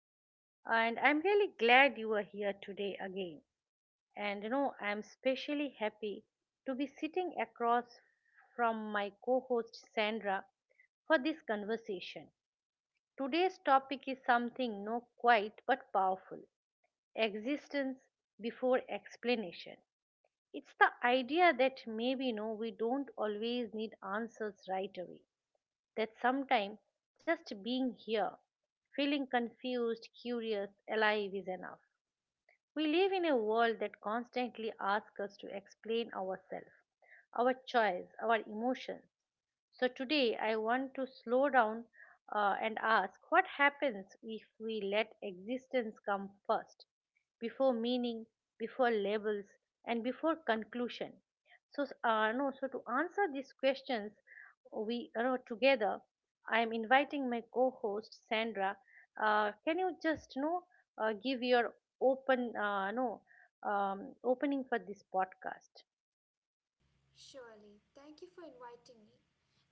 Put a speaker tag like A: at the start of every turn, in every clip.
A: No? And I'm really glad you are here today again. And I'm especially happy to be sitting across from my co-host Sandra for this conversation. Today's topic is something no quite but powerful. Existence before explanation. It's the idea that maybe we don't always need answers right away, that sometimes just being here, feeling confused, curious, alive is enough. We live in a world that constantly asks us to explain ourselves, our choice, our emotions, so today I want to slow down and ask what happens if we let existence come first, before meaning, before labels, and before conclusion. So no, so to answer these questions, we together. I am inviting my co-host Sandra. Can you just give your open no opening for this podcast?
B: Surely. Thank you for inviting me.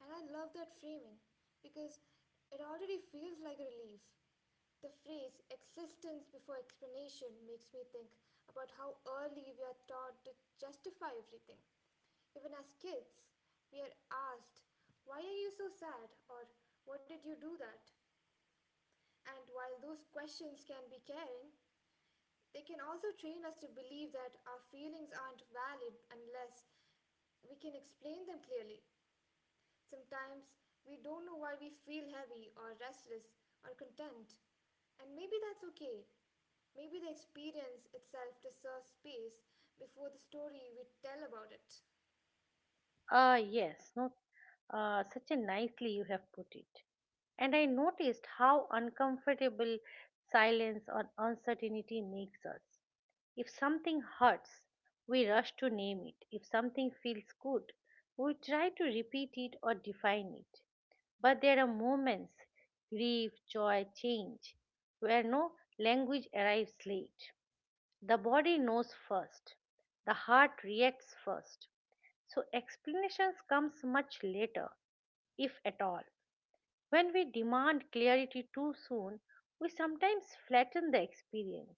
B: And I love that framing because it already feels like a relief. The phrase existence before explanation makes me think about how early we are taught to justify everything. Even as kids, we are asked, "Why are you so sad?" or "What did you do that?" And while those questions can be caring, they can also train us to believe that our feelings aren't valid unless we can explain them clearly. Sometimes we don't know why we feel heavy or restless or content, and maybe that's okay. Maybe the experience itself deserves space before the story we tell about it.
A: Ah, yes, no, such a nicely you have put it. And I noticed how uncomfortable silence or uncertainty makes us. If something hurts, we rush to name it. If something feels good, we try to repeat it or define it. But there are moments, grief, joy, change, where no language arrives late. The body knows first, the heart reacts first, so explanations comes much later, if at all. When we demand clarity too soon, we sometimes flatten the experience.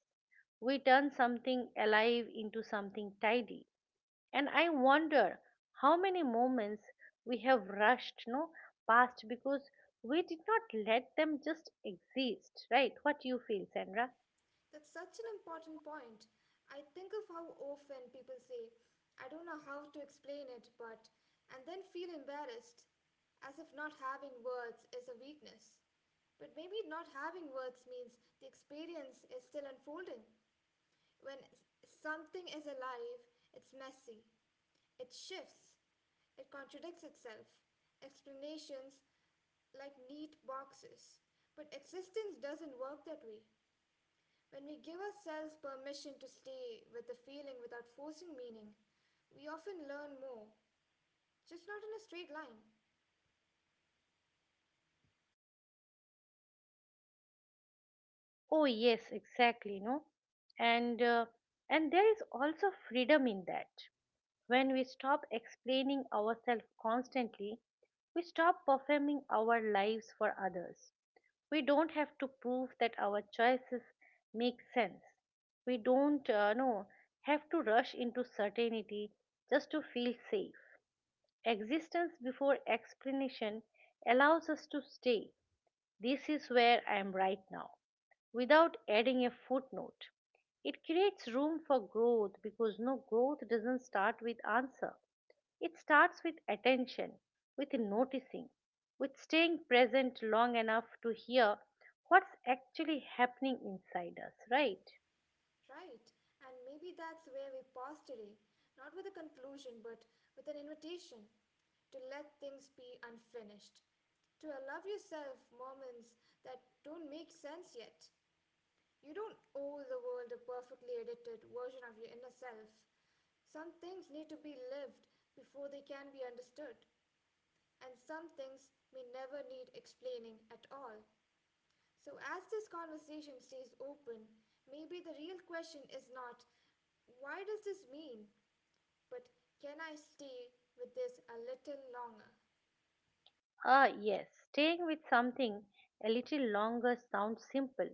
A: We turn something alive into something tidy. And I wonder how many moments we have rushed, no, past, because we did not let them just exist, right? What you feel, Sandra?
B: That's such an important point. I think of how often people say, "I don't know how to explain it, but," and then feel embarrassed, as if not having words is a weakness. But maybe not having words means the experience is still unfolding. When s- something is alive, it's messy, it shifts, it contradicts itself. Explanations like neat boxes. But existence doesn't work that way. When we give ourselves permission to stay with a feeling without forcing meaning, we often learn more, just not in a straight line,
A: Oh yes, exactly, no. And uh, and there is also freedom in that. When we stop explaining ourselves constantly, we stop performing our lives for others. We don't have to prove that our choices make sense. We don't no, have to rush into certainty just to feel safe. Existence before explanation allows us to stay. This is where I am right now, without adding a footnote. It creates room for growth, because growth doesn't start with answer. It starts with attention, with noticing, with staying present long enough to hear what's actually happening inside us, right?
B: right? And maybe that's where we pause today, not with a conclusion, but with an invitation to let things be unfinished, to allow yourself moments that don't make sense yet. You don't owe the world a perfectly edited version of your inner self. Some things need to be lived before they can be understood, and some things may never need explaining at all. So, as this conversation stays open, maybe the real question is not, "Why does this mean?" but, "Can I stay with this a little longer?"
A: Ah, yes, staying with something a little longer sounds simple,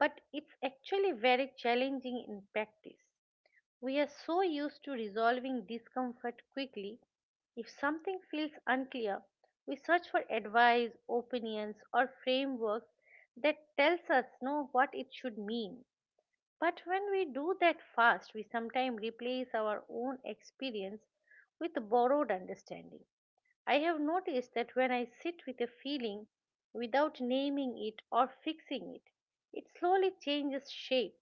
A: but it's actually very challenging in practice. We are so used to resolving discomfort quickly. If something feels unclear, we search for advice, opinions, or frameworks that tells us know what it should mean. But when we do that fast, we sometimes replace our own experience with borrowed understanding. I have noticed that when I sit with a feeling without naming it or fixing it, it slowly changes shape,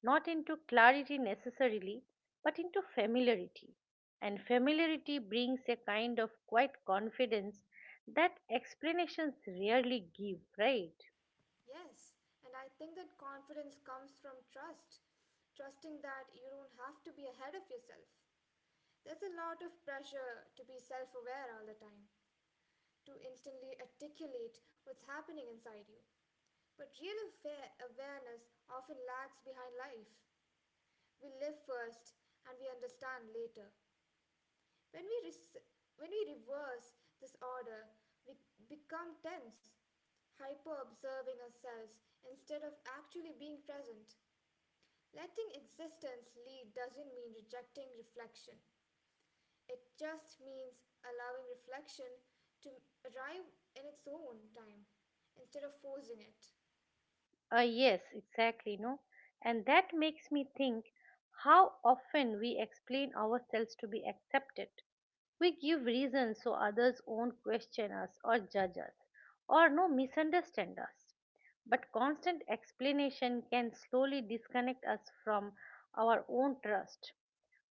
A: not into clarity necessarily, but into familiarity. And familiarity brings a kind of quiet confidence that explanations rarely give, right?
B: Yes, and I think that confidence comes from trust, trusting that you don't have to be ahead of yourself. There's a lot of pressure to be self aware all the time, to instantly articulate what's happening inside you. But awareness often lags behind life. We live first and we understand later. When we, res- when we reverse this order, we become tense, hyper observing ourselves instead of actually being present. Letting existence lead doesn't mean rejecting reflection. It just means allowing reflection to arrive in its own time instead of forcing it.
A: Yes, exactly, no? And that makes me think how often we explain ourselves to be accepted. We give reasons so others won't question us or judge us or no misunderstand us. But constant explanation can slowly disconnect us from our own trust.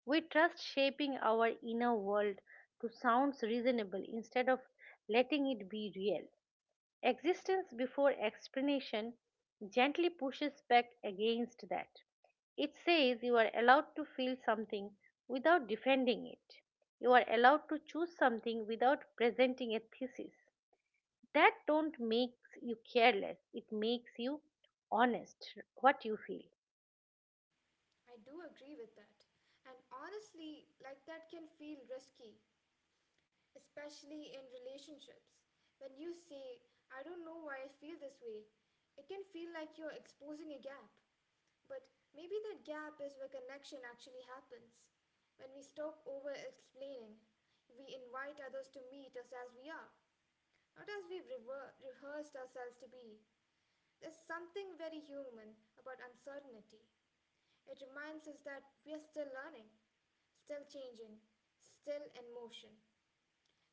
A: We trust shaping our inner world to sounds reasonable instead of letting it be real. Existence before explanation gently pushes back against that. It says you are allowed to feel something without defending it. You are allowed to choose something without presenting a thesis. That don't makes you careless. It makes you honest what you feel.
B: I do agree with that. And honestly, like that can feel risky, especially in relationships. When you say, "I don't know why I feel this way," it can feel like you're exposing a gap. But maybe that gap is where connection actually happens. When we stop over explaining, we invite others to meet us as we are, not as rehearsed ourselves to be. There's something very human about uncertainty. It reminds us that we are still learning, still changing, still in motion.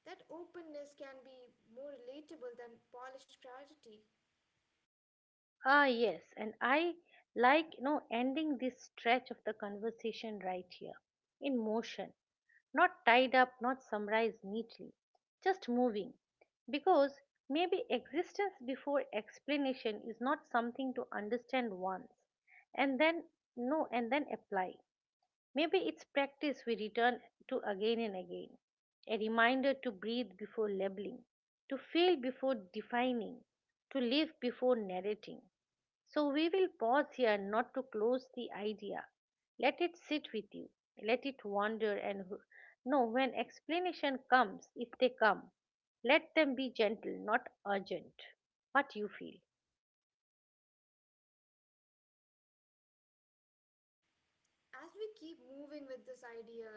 B: That openness can be more relatable than polished clarity.
A: Ah yes, and I like ending this stretch of the conversation right here, in motion. Not tied up, not summarized neatly, just moving. Because maybe existence before explanation is not something to understand once and then no and then apply. Maybe it's practice we return to again and again. A reminder to breathe before labeling, to feel before defining, to live before narrating. So we will pause here, not to close the idea. Let it sit with you. Let it wander, and when explanation comes, if they come, let them be gentle, not urgent. What you feel.
B: As we keep moving with this idea,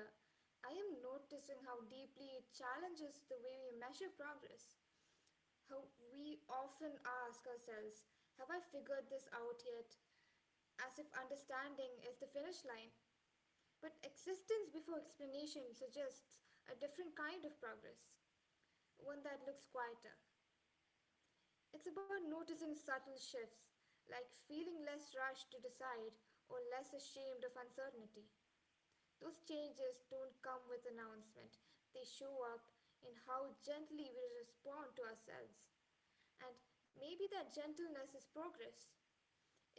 B: I am noticing how deeply it challenges the way we measure progress. How we often ask ourselves, "Have I figured this out yet?" As if understanding is the finish line. But existence before explanation suggests a different kind of progress, one that looks quieter. It's about noticing subtle shifts, like feeling less rushed to decide or less ashamed of uncertainty. Those changes don't come with announcement, they show up in how gently we respond to ourselves. And maybe that gentleness is progress,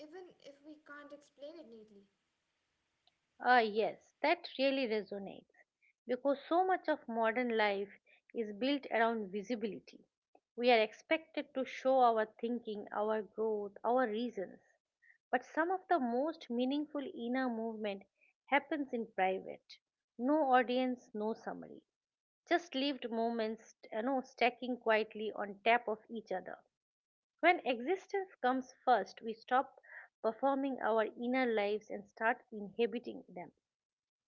B: even if we can't explain it neatly.
A: Ah, yes, that really resonates, because so much of modern life is built around visibility. We are expected to show our thinking, our growth, our reasons. But some of the most meaningful inner movement happens in private. No audience, no summary. Just lived moments, stacking quietly on top of each other. When existence comes first, we stop performing our inner lives and start inhabiting them.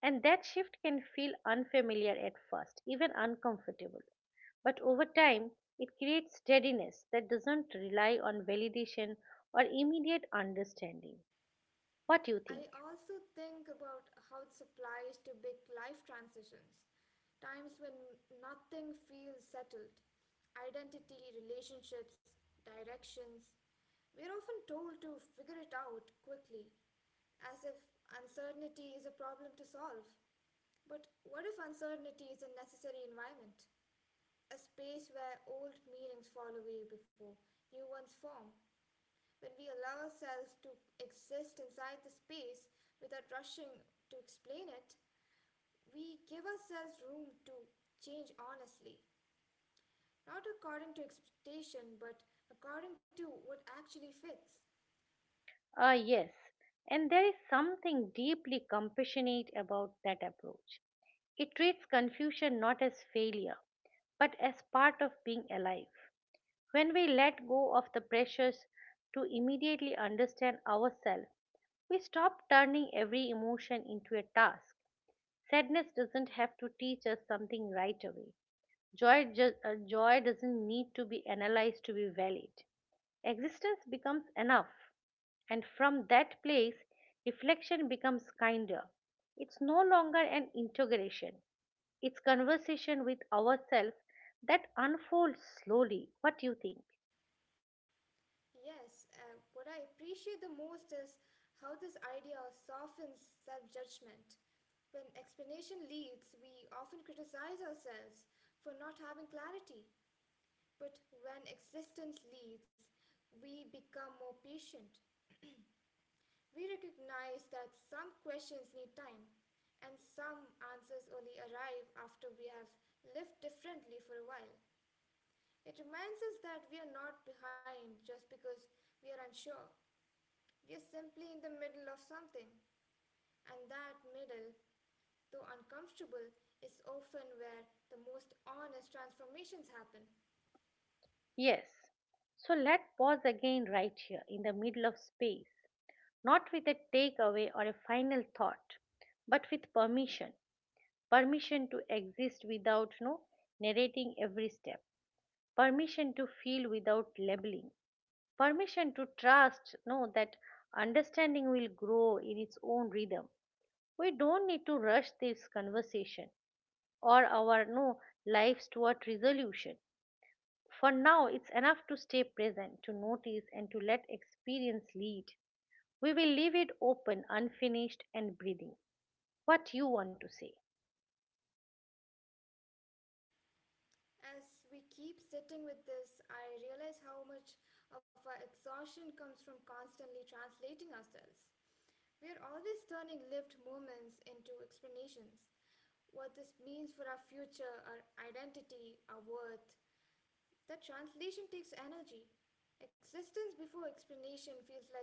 A: And that shift can feel unfamiliar at first, even uncomfortable. But over time, it creates steadiness that doesn't rely on validation or immediate understanding. What do you think?
B: I also think about how it applies to big life transitions. Times when nothing feels settled, identity, relationships, directions. We're often told to figure it out quickly, as if uncertainty is a problem to solve. But what if uncertainty is a necessary environment? A space where old meanings fall away before new ones form. When we allow ourselves to exist inside the space without rushing to explain it, we give ourselves room to change honestly, not according to expectation, but according to what actually fits.
A: Ah, yes. And there is something deeply compassionate about that approach. It treats confusion not as failure, but as part of being alive. When we let go of the pressures to immediately understand ourselves, we stop turning every emotion into a task. Sadness doesn't have to teach us something right away. Joy doesn't need to be analyzed to be valid. Existence becomes enough. And from that place, reflection becomes kinder. It's no longer an interrogation, it's conversation with ourselves that unfolds slowly. What do you think?
B: Yes, what I appreciate the most is how this idea softens self judgment. When explanation leads, we often criticize ourselves for not having clarity. But when existence leads, we become more patient. We recognize that some questions need time, and some answers only arrive after we have lived differently for a while. It reminds us that we are not behind just because we are unsure. We are simply in the middle of something, and that middle, though uncomfortable, is often where the most honest transformations happen.
A: Yes. So let us pause again right here in the middle of space, not with a takeaway or a final thought, but with permission. Permission to exist without no narrating every step. Permission to feel without labeling. Permission to trust. Know That understanding will grow in its own rhythm. We don't need to rush this conversation or our no lives toward resolution. For now, it's enough to stay present, to notice, and to let experience lead. We will leave it open, unfinished, and breathing. What you want to say?
B: As we keep sitting with this, I realize how much of our exhaustion comes from constantly translating ourselves. We are always turning lived moments into explanations. What this means for our future, our identity, our worth. That translation takes energy. Existence before explanation feels like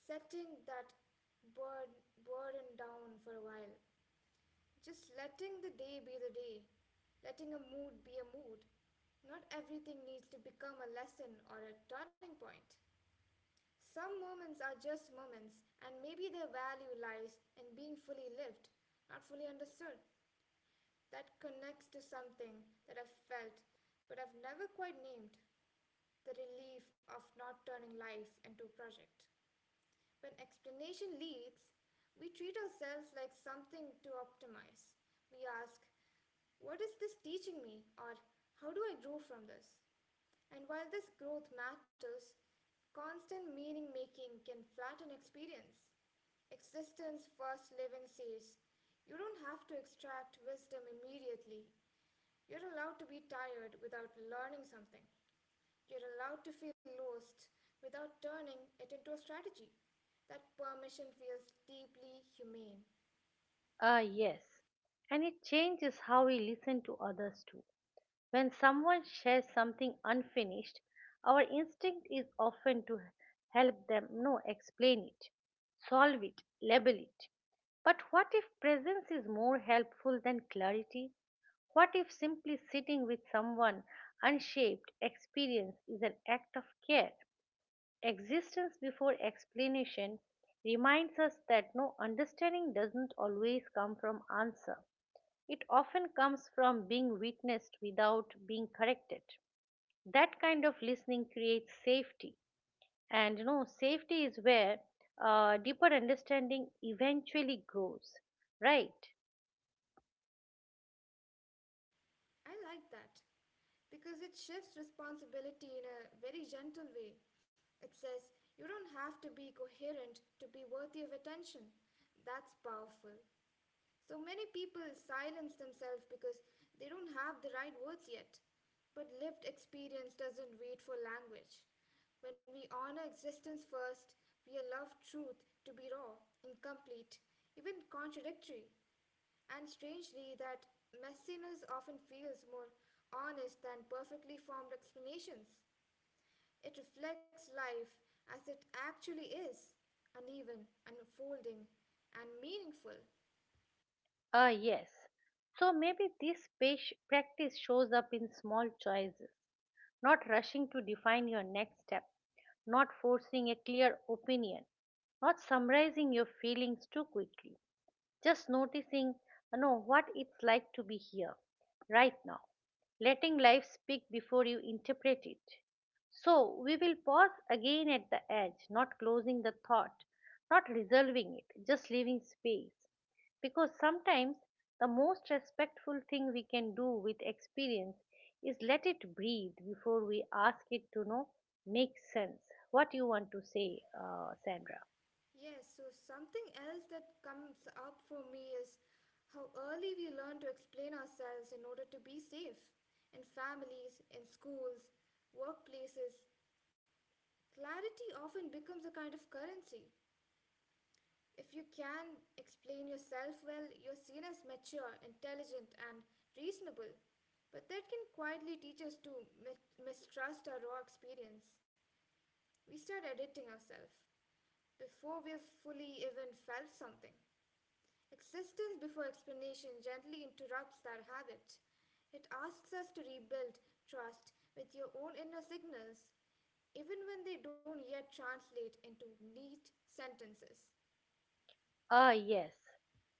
B: setting that burden down for a while. Just letting the day be the day, letting a mood be a mood. Not everything needs to become a lesson or a turning point. Some moments are just moments, and maybe their value lies in being fully lived, not fully understood. That connects to something that I've felt but I've never quite named, the relief of not turning life into a project. When explanation leaks, we treat ourselves like something to optimize. We ask, "What is this teaching me?" or "How do I grow from this?" And while this growth matters, constant meaning making can flatten experience. Existence first living says, "You don't have to extract wisdom immediately. You're allowed to be tired without learning something. You're allowed to feel lost without turning it into a strategy." That permission feels deeply humane.
A: Ah yes, and it changes how we listen to others too. When someone shares something unfinished, our instinct is often to help them no explain it, solve it, label it. But what if presence is more helpful than clarity? What if simply sitting with someone unshaped experience is an act of care? Existence before explanation reminds us that understanding doesn't always come from answer. It often comes from being witnessed without being corrected. That kind of listening creates safety. And safety is where deeper understanding eventually grows, right?
B: I like that because it shifts responsibility in a very gentle way. It says you don't have to be coherent to be worthy of attention. That's powerful. So many people silence themselves because they don't have the right words yet. But lived experience doesn't wait for language. When we honor existence first, we allow truth to be raw, incomplete, even contradictory. And strangely, that messiness often feels more honest than perfectly formed explanations. It reflects life as it actually is, uneven, unfolding, and meaningful.
A: Ah, yes. So maybe this practice shows up in small choices: not rushing to define your next step, not forcing a clear opinion, not summarizing your feelings too quickly. Just noticing, what it's like to be here, right now, letting life speak before you interpret it. So we will pause again at the edge, not closing the thought, not resolving it, just leaving space. Because sometimes the most respectful thing we can do with experience is let it breathe before we ask it to make sense. What you want to say, Sandra?
B: Yes, so something else that comes up for me is how early we learn to explain ourselves in order to be safe. In families, in schools, workplaces, clarity often becomes a kind of currency. If you can explain yourself well, you're seen as mature, intelligent, and reasonable. But that can quietly teach us to mistrust our raw experience. We start editing ourselves before we've fully even felt something. Existence before explanation gently interrupts that habit. It asks us to rebuild trust with your own inner signals, even when they don't yet translate into neat sentences.
A: Ah, yes.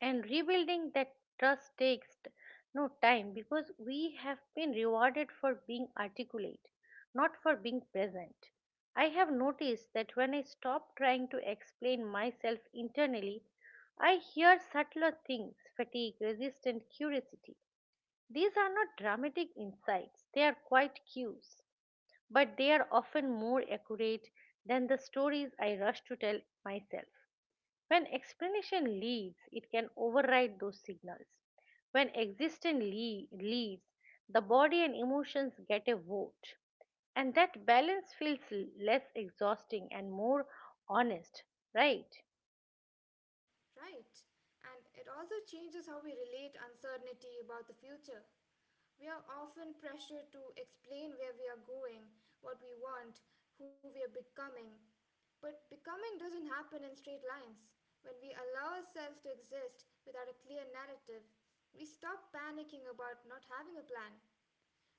A: And rebuilding that trust takes t- no time, because we have been rewarded for being articulate, not for being present. I have noticed that when I stop trying to explain myself internally, I hear subtler things: fatigue, resistance, curiosity. These are not dramatic insights, they are quite cues, but they are often more accurate than the stories I rush to tell myself. When explanation leads, it can override those signals. When existence leads, the body and emotions get a vote. And that balance feels less exhausting and more honest, right?
B: Right. And it also changes how we relate uncertainty about the future. We are often pressured to explain where we are going, what we want, who we are becoming. But becoming doesn't happen in straight lines. When we allow ourselves to exist without a clear narrative, we stop panicking about not having a plan.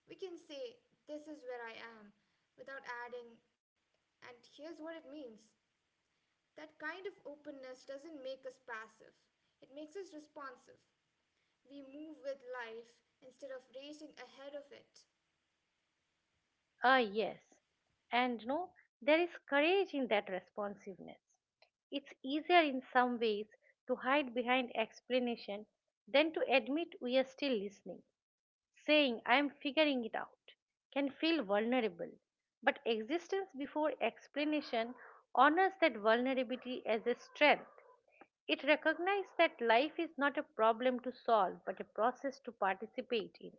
B: We can say, "This is where I am," without adding, "and here's what it means." That kind of openness doesn't make us passive, it makes us responsive. We move with life instead of racing ahead of it.
A: Ah, yes. And no, there is courage in that responsiveness. It's easier in some ways to hide behind explanation than to admit we are still listening. Saying I am figuring it out, can feel vulnerable. But existence before explanation honors that vulnerability as a strength. It recognizes that life is not a problem to solve but a process to participate in.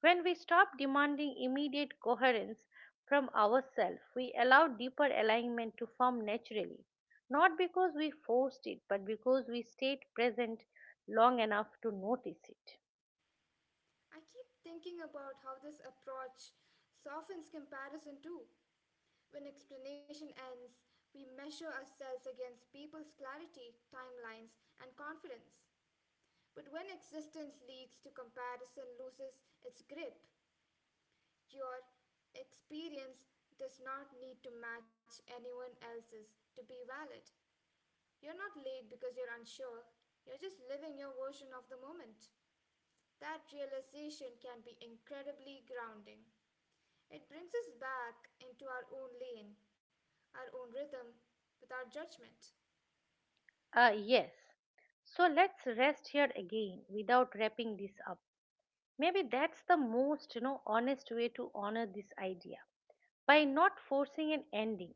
A: When we stop demanding immediate coherence from ourselves, we allow deeper alignment to form naturally, not because we forced it but because we stayed present long enough to notice it.
B: I keep thinking about how this approach softens comparison too. When explanation ends, we measure ourselves against people's clarity, timelines, and confidence. But when existence leads to comparison loses its grip, your experience does not need to match anyone else's to be valid. You're not late because you're unsure, you're just living your version of the moment. That realization can be incredibly grounding. It brings us back into our own lane, our own rhythm, without judgment.
A: Yes. So let's rest here again without wrapping this up. Maybe that's the most, honest way to honor this idea. By not forcing an ending,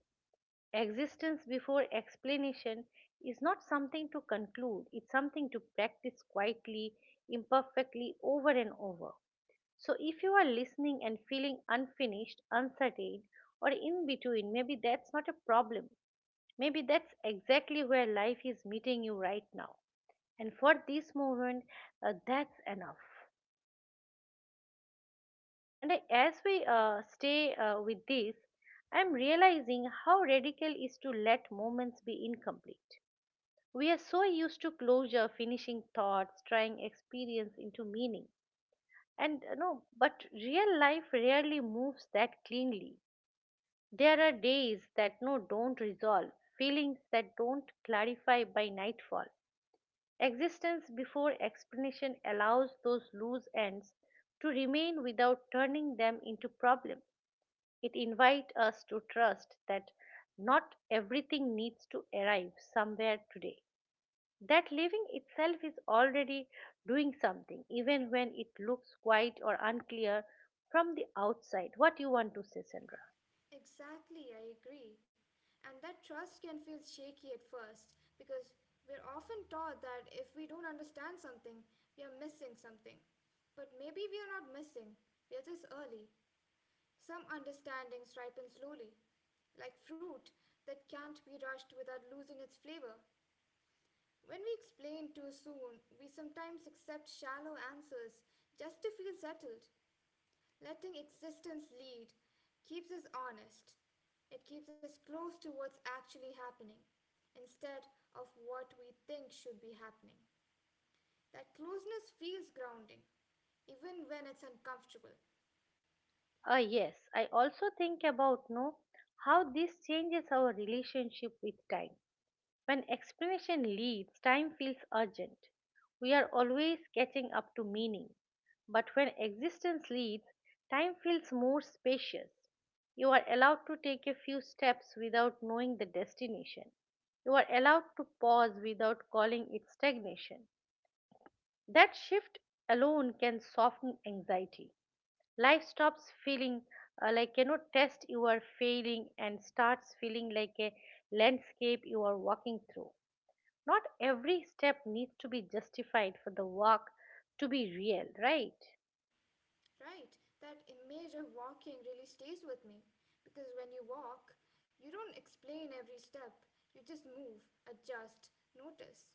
A: existence before explanation is not something to conclude, it's something to practice quietly, imperfectly, over and over. So if you are listening and feeling unfinished, uncertain, or in between, maybe that's not a problem. Maybe that's exactly where life is meeting you right now, and for this moment, that's enough. And I, as we stay with this, I'm realizing how radical is to let moments be incomplete. We are so used to closure, finishing thoughts, trying experience into meaning. And no but real life rarely moves that cleanly. There are days that don't resolve, feelings that don't clarify by nightfall. Existence before explanation allows those loose ends to remain without turning them into problems. It invites us to trust that not everything needs to arrive somewhere today. That living itself is already doing something, even when it looks quiet or unclear from the outside. What you want to say, Sandra?
B: Exactly, I agree. And that trust can feel shaky at first because we're often taught that if we don't understand something, we are missing something. But maybe we are not missing, we are just early. Some understandings ripen slowly, like fruit that can't be rushed without losing its flavor. When we explain too soon, we sometimes accept shallow answers just to feel settled. Letting existence lead keeps us honest. It keeps us close to what's actually happening instead of what we think should be happening. That closeness feels grounding, even when it's uncomfortable.
A: Ah, yes. I also think about no how this changes our relationship with time. When explanation leaves, time feels urgent. We are always catching up to meaning. But when existence leads, time feels more spacious. You are allowed to take a few steps without knowing the destination. You are allowed to pause without calling it stagnation. That shift alone can soften anxiety. Life stops feeling like test you are failing and starts feeling like a landscape you are walking through. Not every step needs to be justified for the work to be real, right?
B: Right, that image of walking really stays with me because when you walk, you don't explain every step, you just move, adjust, notice.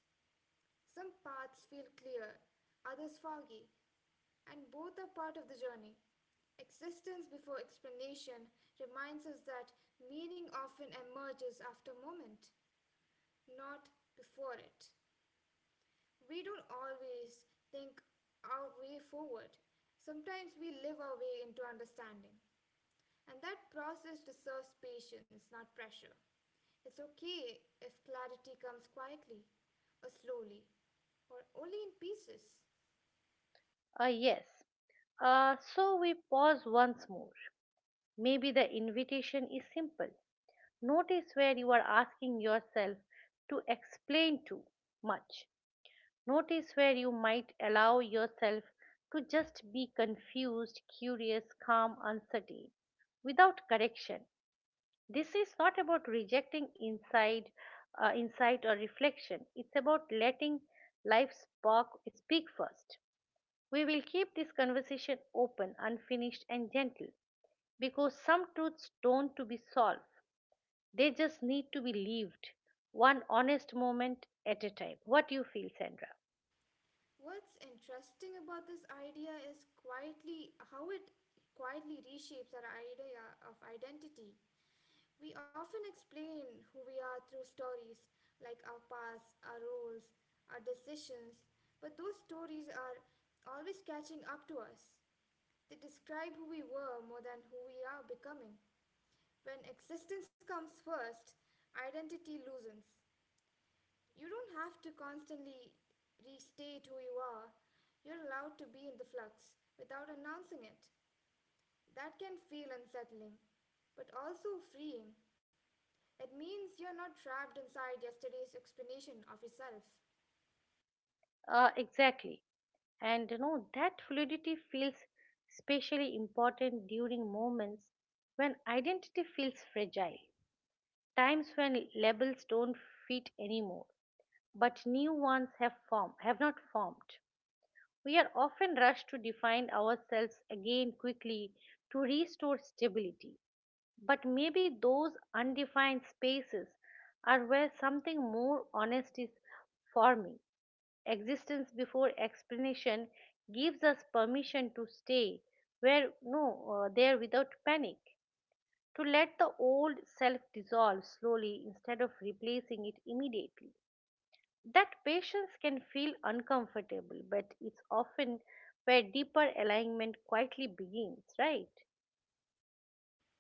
B: Some paths feel clear, others foggy, and both are part of the journey. Existence before explanation reminds us that meaning often emerges after moment, not before it. We don't always think our way forward. Sometimes we live our way into understanding. And that process deserves patience, not pressure. It's okay if clarity comes quietly, or slowly, or only in pieces.
A: Yes. So we pause once more. Maybe the invitation is simple. Notice where you are asking yourself to explain too much. Notice where you might allow yourself to just be confused, curious, calm, uncertain, without correction. This is not about rejecting insight or reflection. It's about letting life speak first. We will keep this conversation open, unfinished, and gentle because some truths don't to be solved. They just need to be lived, one honest moment at a time. What do you feel, Sandra?
B: What's interesting about this idea is quietly how it quietly reshapes our idea of identity. We often explain who we are through stories, like our past, our roles, our decisions, but those stories are always catching up to us. They describe who we were more than who we are becoming. When existence comes first, identity loosens. You don't have to constantly restate who you are. You're allowed to be in the flux without announcing it. That can feel unsettling, but also freeing. It means you're not trapped inside yesterday's explanation of yourself.
A: Exactly. And you know, that fluidity feels especially important during moments when identity feels fragile. Times when labels don't fit anymore, but new ones have not formed. We are often rushed to define ourselves again quickly to restore stability. But maybe those undefined spaces are where something more honest is forming. Existence before explanation gives us permission to stay where no there without panic, to let the old self dissolve slowly instead of replacing it immediately. That patience can feel uncomfortable, but it's often where deeper alignment quietly begins, right?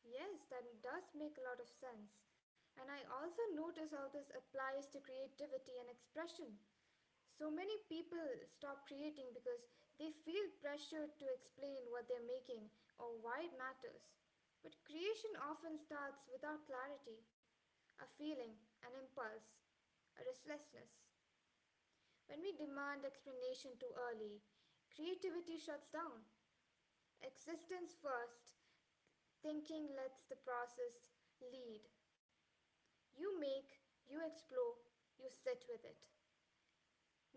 B: Yes, that does make a lot of sense. And I also notice how this applies to creativity and expression. So many people stop creating because they feel pressured to explain what they're making or why it matters. But creation often starts without clarity, a feeling, an impulse, a restlessness. When we demand explanation too early, creativity shuts down. Existence first, thinking lets the process lead. You make, you explore, you sit with it.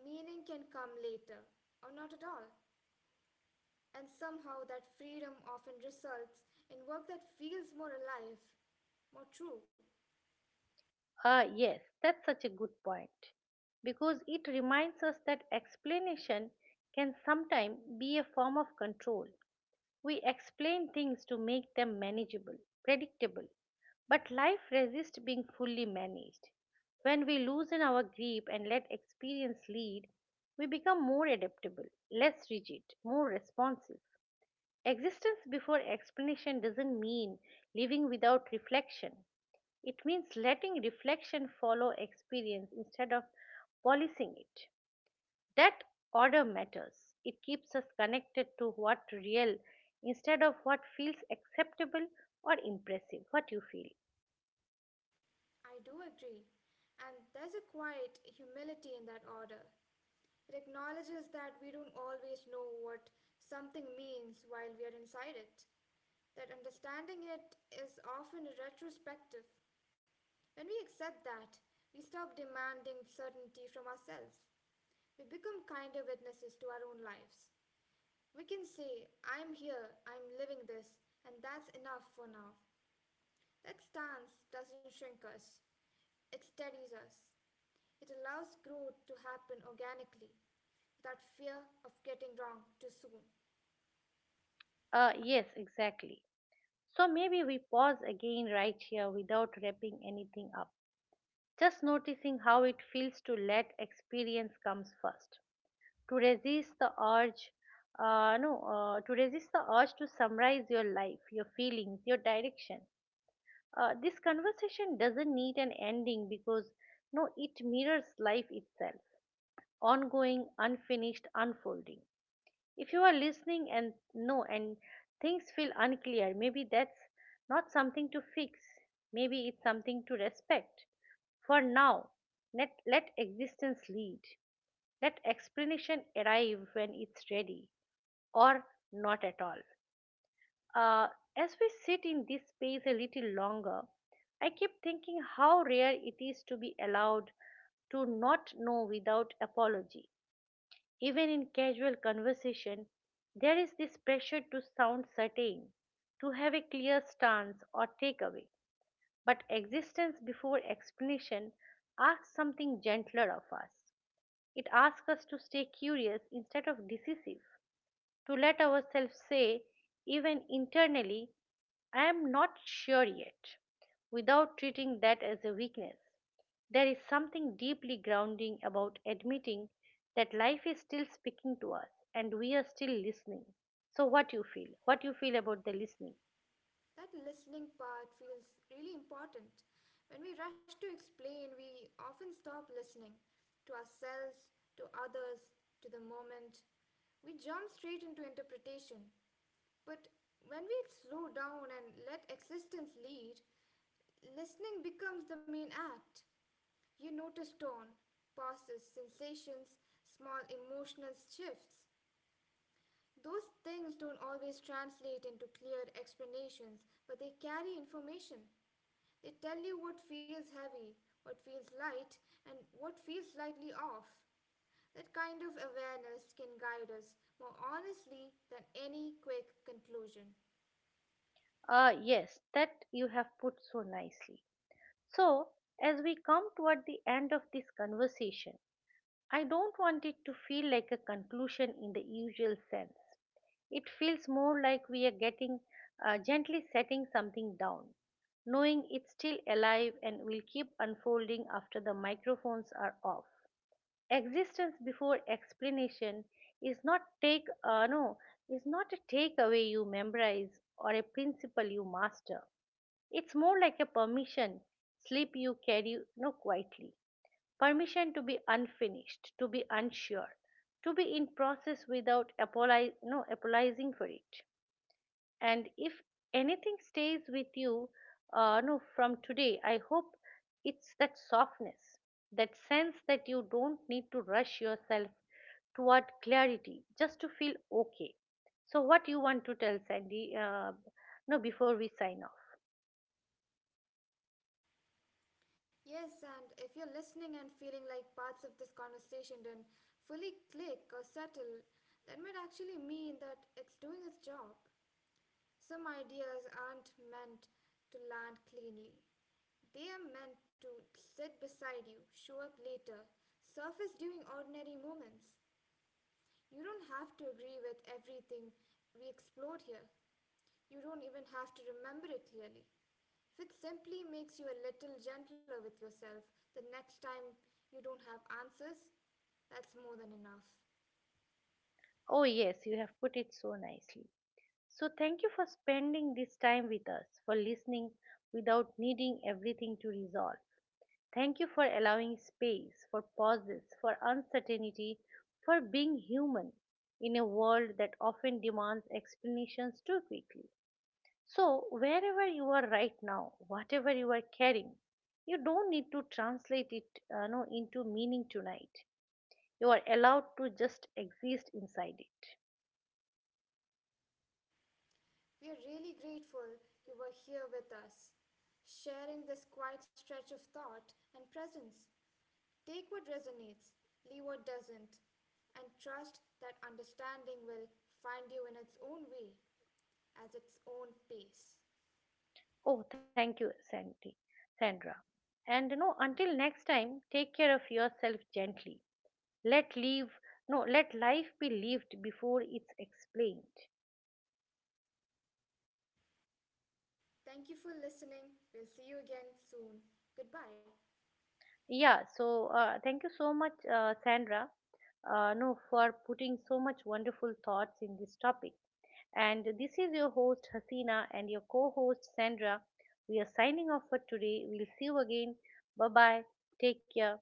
B: Meaning can come later, or not at all. And somehow that freedom often results in work that feels more alive, more true.
A: Ah, yes, that's such a good point because it reminds us that explanation can sometimes be a form of control. We explain things to make them manageable, predictable, but life resists being fully managed. When we loosen our grip and let experience lead, we become more adaptable, less rigid, more responsive. Existence before explanation doesn't mean living without reflection. It means letting reflection follow experience instead of policing it. That order matters. It keeps us connected to what real instead of what feels acceptable or impressive. What you feel.
B: I do agree. And there's a quiet humility in that order. It acknowledges that we don't always know what something means while we are inside it, that understanding it is often retrospective. When we accept that, we stop demanding certainty from ourselves. We become kinder witnesses to our own lives. We can say, "I'm here, I'm living this, and that's enough for now." That stance doesn't shrink us, it steadies us. It allows growth to happen organically without fear of getting wrong too soon.
A: Yes, exactly. So maybe we pause again right here without wrapping anything up. Just noticing how it feels to let experience comes first. To resist the urge no, to resist the urge to summarize your life, your feelings, your direction. This conversation doesn't need an ending because no, it mirrors life itself, ongoing, unfinished, unfolding. If you are listening and no, and things feel unclear, maybe that's not something to fix. Maybe it's something to respect. For now, let existence lead. Let explanation arrive when it's ready or not at all. Uh, as we sit in this space a little longer, I keep thinking how rare it is to be allowed to not know without apology. Even in casual conversation, there is this pressure to sound certain, to have a clear stance or takeaway. But existence before explanation asks something gentler of us. It asks us to stay curious instead of decisive, to let ourselves say, even internally, I am not sure yet, without treating that as a weakness. There is something deeply grounding about admitting that life is still speaking to us and we are still listening. So, what you feel? What you feel about the listening?
B: That listening part feels really important. When we rush to explain, we often stop listening to ourselves, to others, to the moment. We jump straight into interpretation. But when we slow down and let existence lead, listening becomes the main act. You notice tone, pauses, sensations, small emotional shifts. Those things don't always translate into clear explanations, but they carry information. They tell you what feels heavy, what feels light, and what feels slightly off. That kind of awareness can guide us more honestly than any quick conclusion.
A: Ah, yes, that you have put so nicely. So, as we come toward the end of this conversation, I don't want it to feel like a conclusion in the usual sense. It feels more like we are getting gently setting something down, knowing it's still alive and will keep unfolding after the microphones are off. Existence before explanation is not take no is not a takeaway you memorize or a principle you master. It's more like a permission slip you carry no quietly. Permission to be unfinished, to be unsure, to be in process without apologi- no, apologizing for it. And if anything stays with you, no, from today, I hope it's that softness, that sense that you don't need to rush yourself toward clarity just to feel okay. So, what you want to tell Sandy? No, Before we sign off.
B: Yes, and if you're listening and feeling like parts of this conversation didn't fully click or settle, that might actually mean that it's doing its job. Some ideas aren't meant to land cleanly. They are meant to sit beside you, show up later, surface during ordinary moments. You don't have to agree with everything we explored here. You don't even have to remember it clearly. If it simply makes you a little gentler with yourself the next time you don't have answers, that's more than enough.
A: Oh, yes, you have put it so nicely. So, thank you for spending this time with us, for listening without needing everything to resolve. Thank you for allowing space, for pauses, for uncertainty, for being human in a world that often demands explanations too quickly. So, wherever you are right now, whatever you are carrying, you don't need to translate it no, into meaning tonight. You are allowed to just exist inside it.
B: We are really grateful you were here with us, sharing this quiet stretch of thought and presence. Take what resonates, leave what doesn't, and trust that understanding will find you in its own way, at its own pace.
A: Oh, thank you, Sandra. And you know, until next time, take care of yourself gently. Let live no Let life be lived before it's explained.
B: Thank you for listening. We'll see you again soon. Goodbye.
A: Yeah, so thank you so much, Sandra, no for putting so much wonderful thoughts in this topic. And this is your host Hasina and your co-host Sandra. We are signing off for today. We'll see you again. Bye bye. Take care.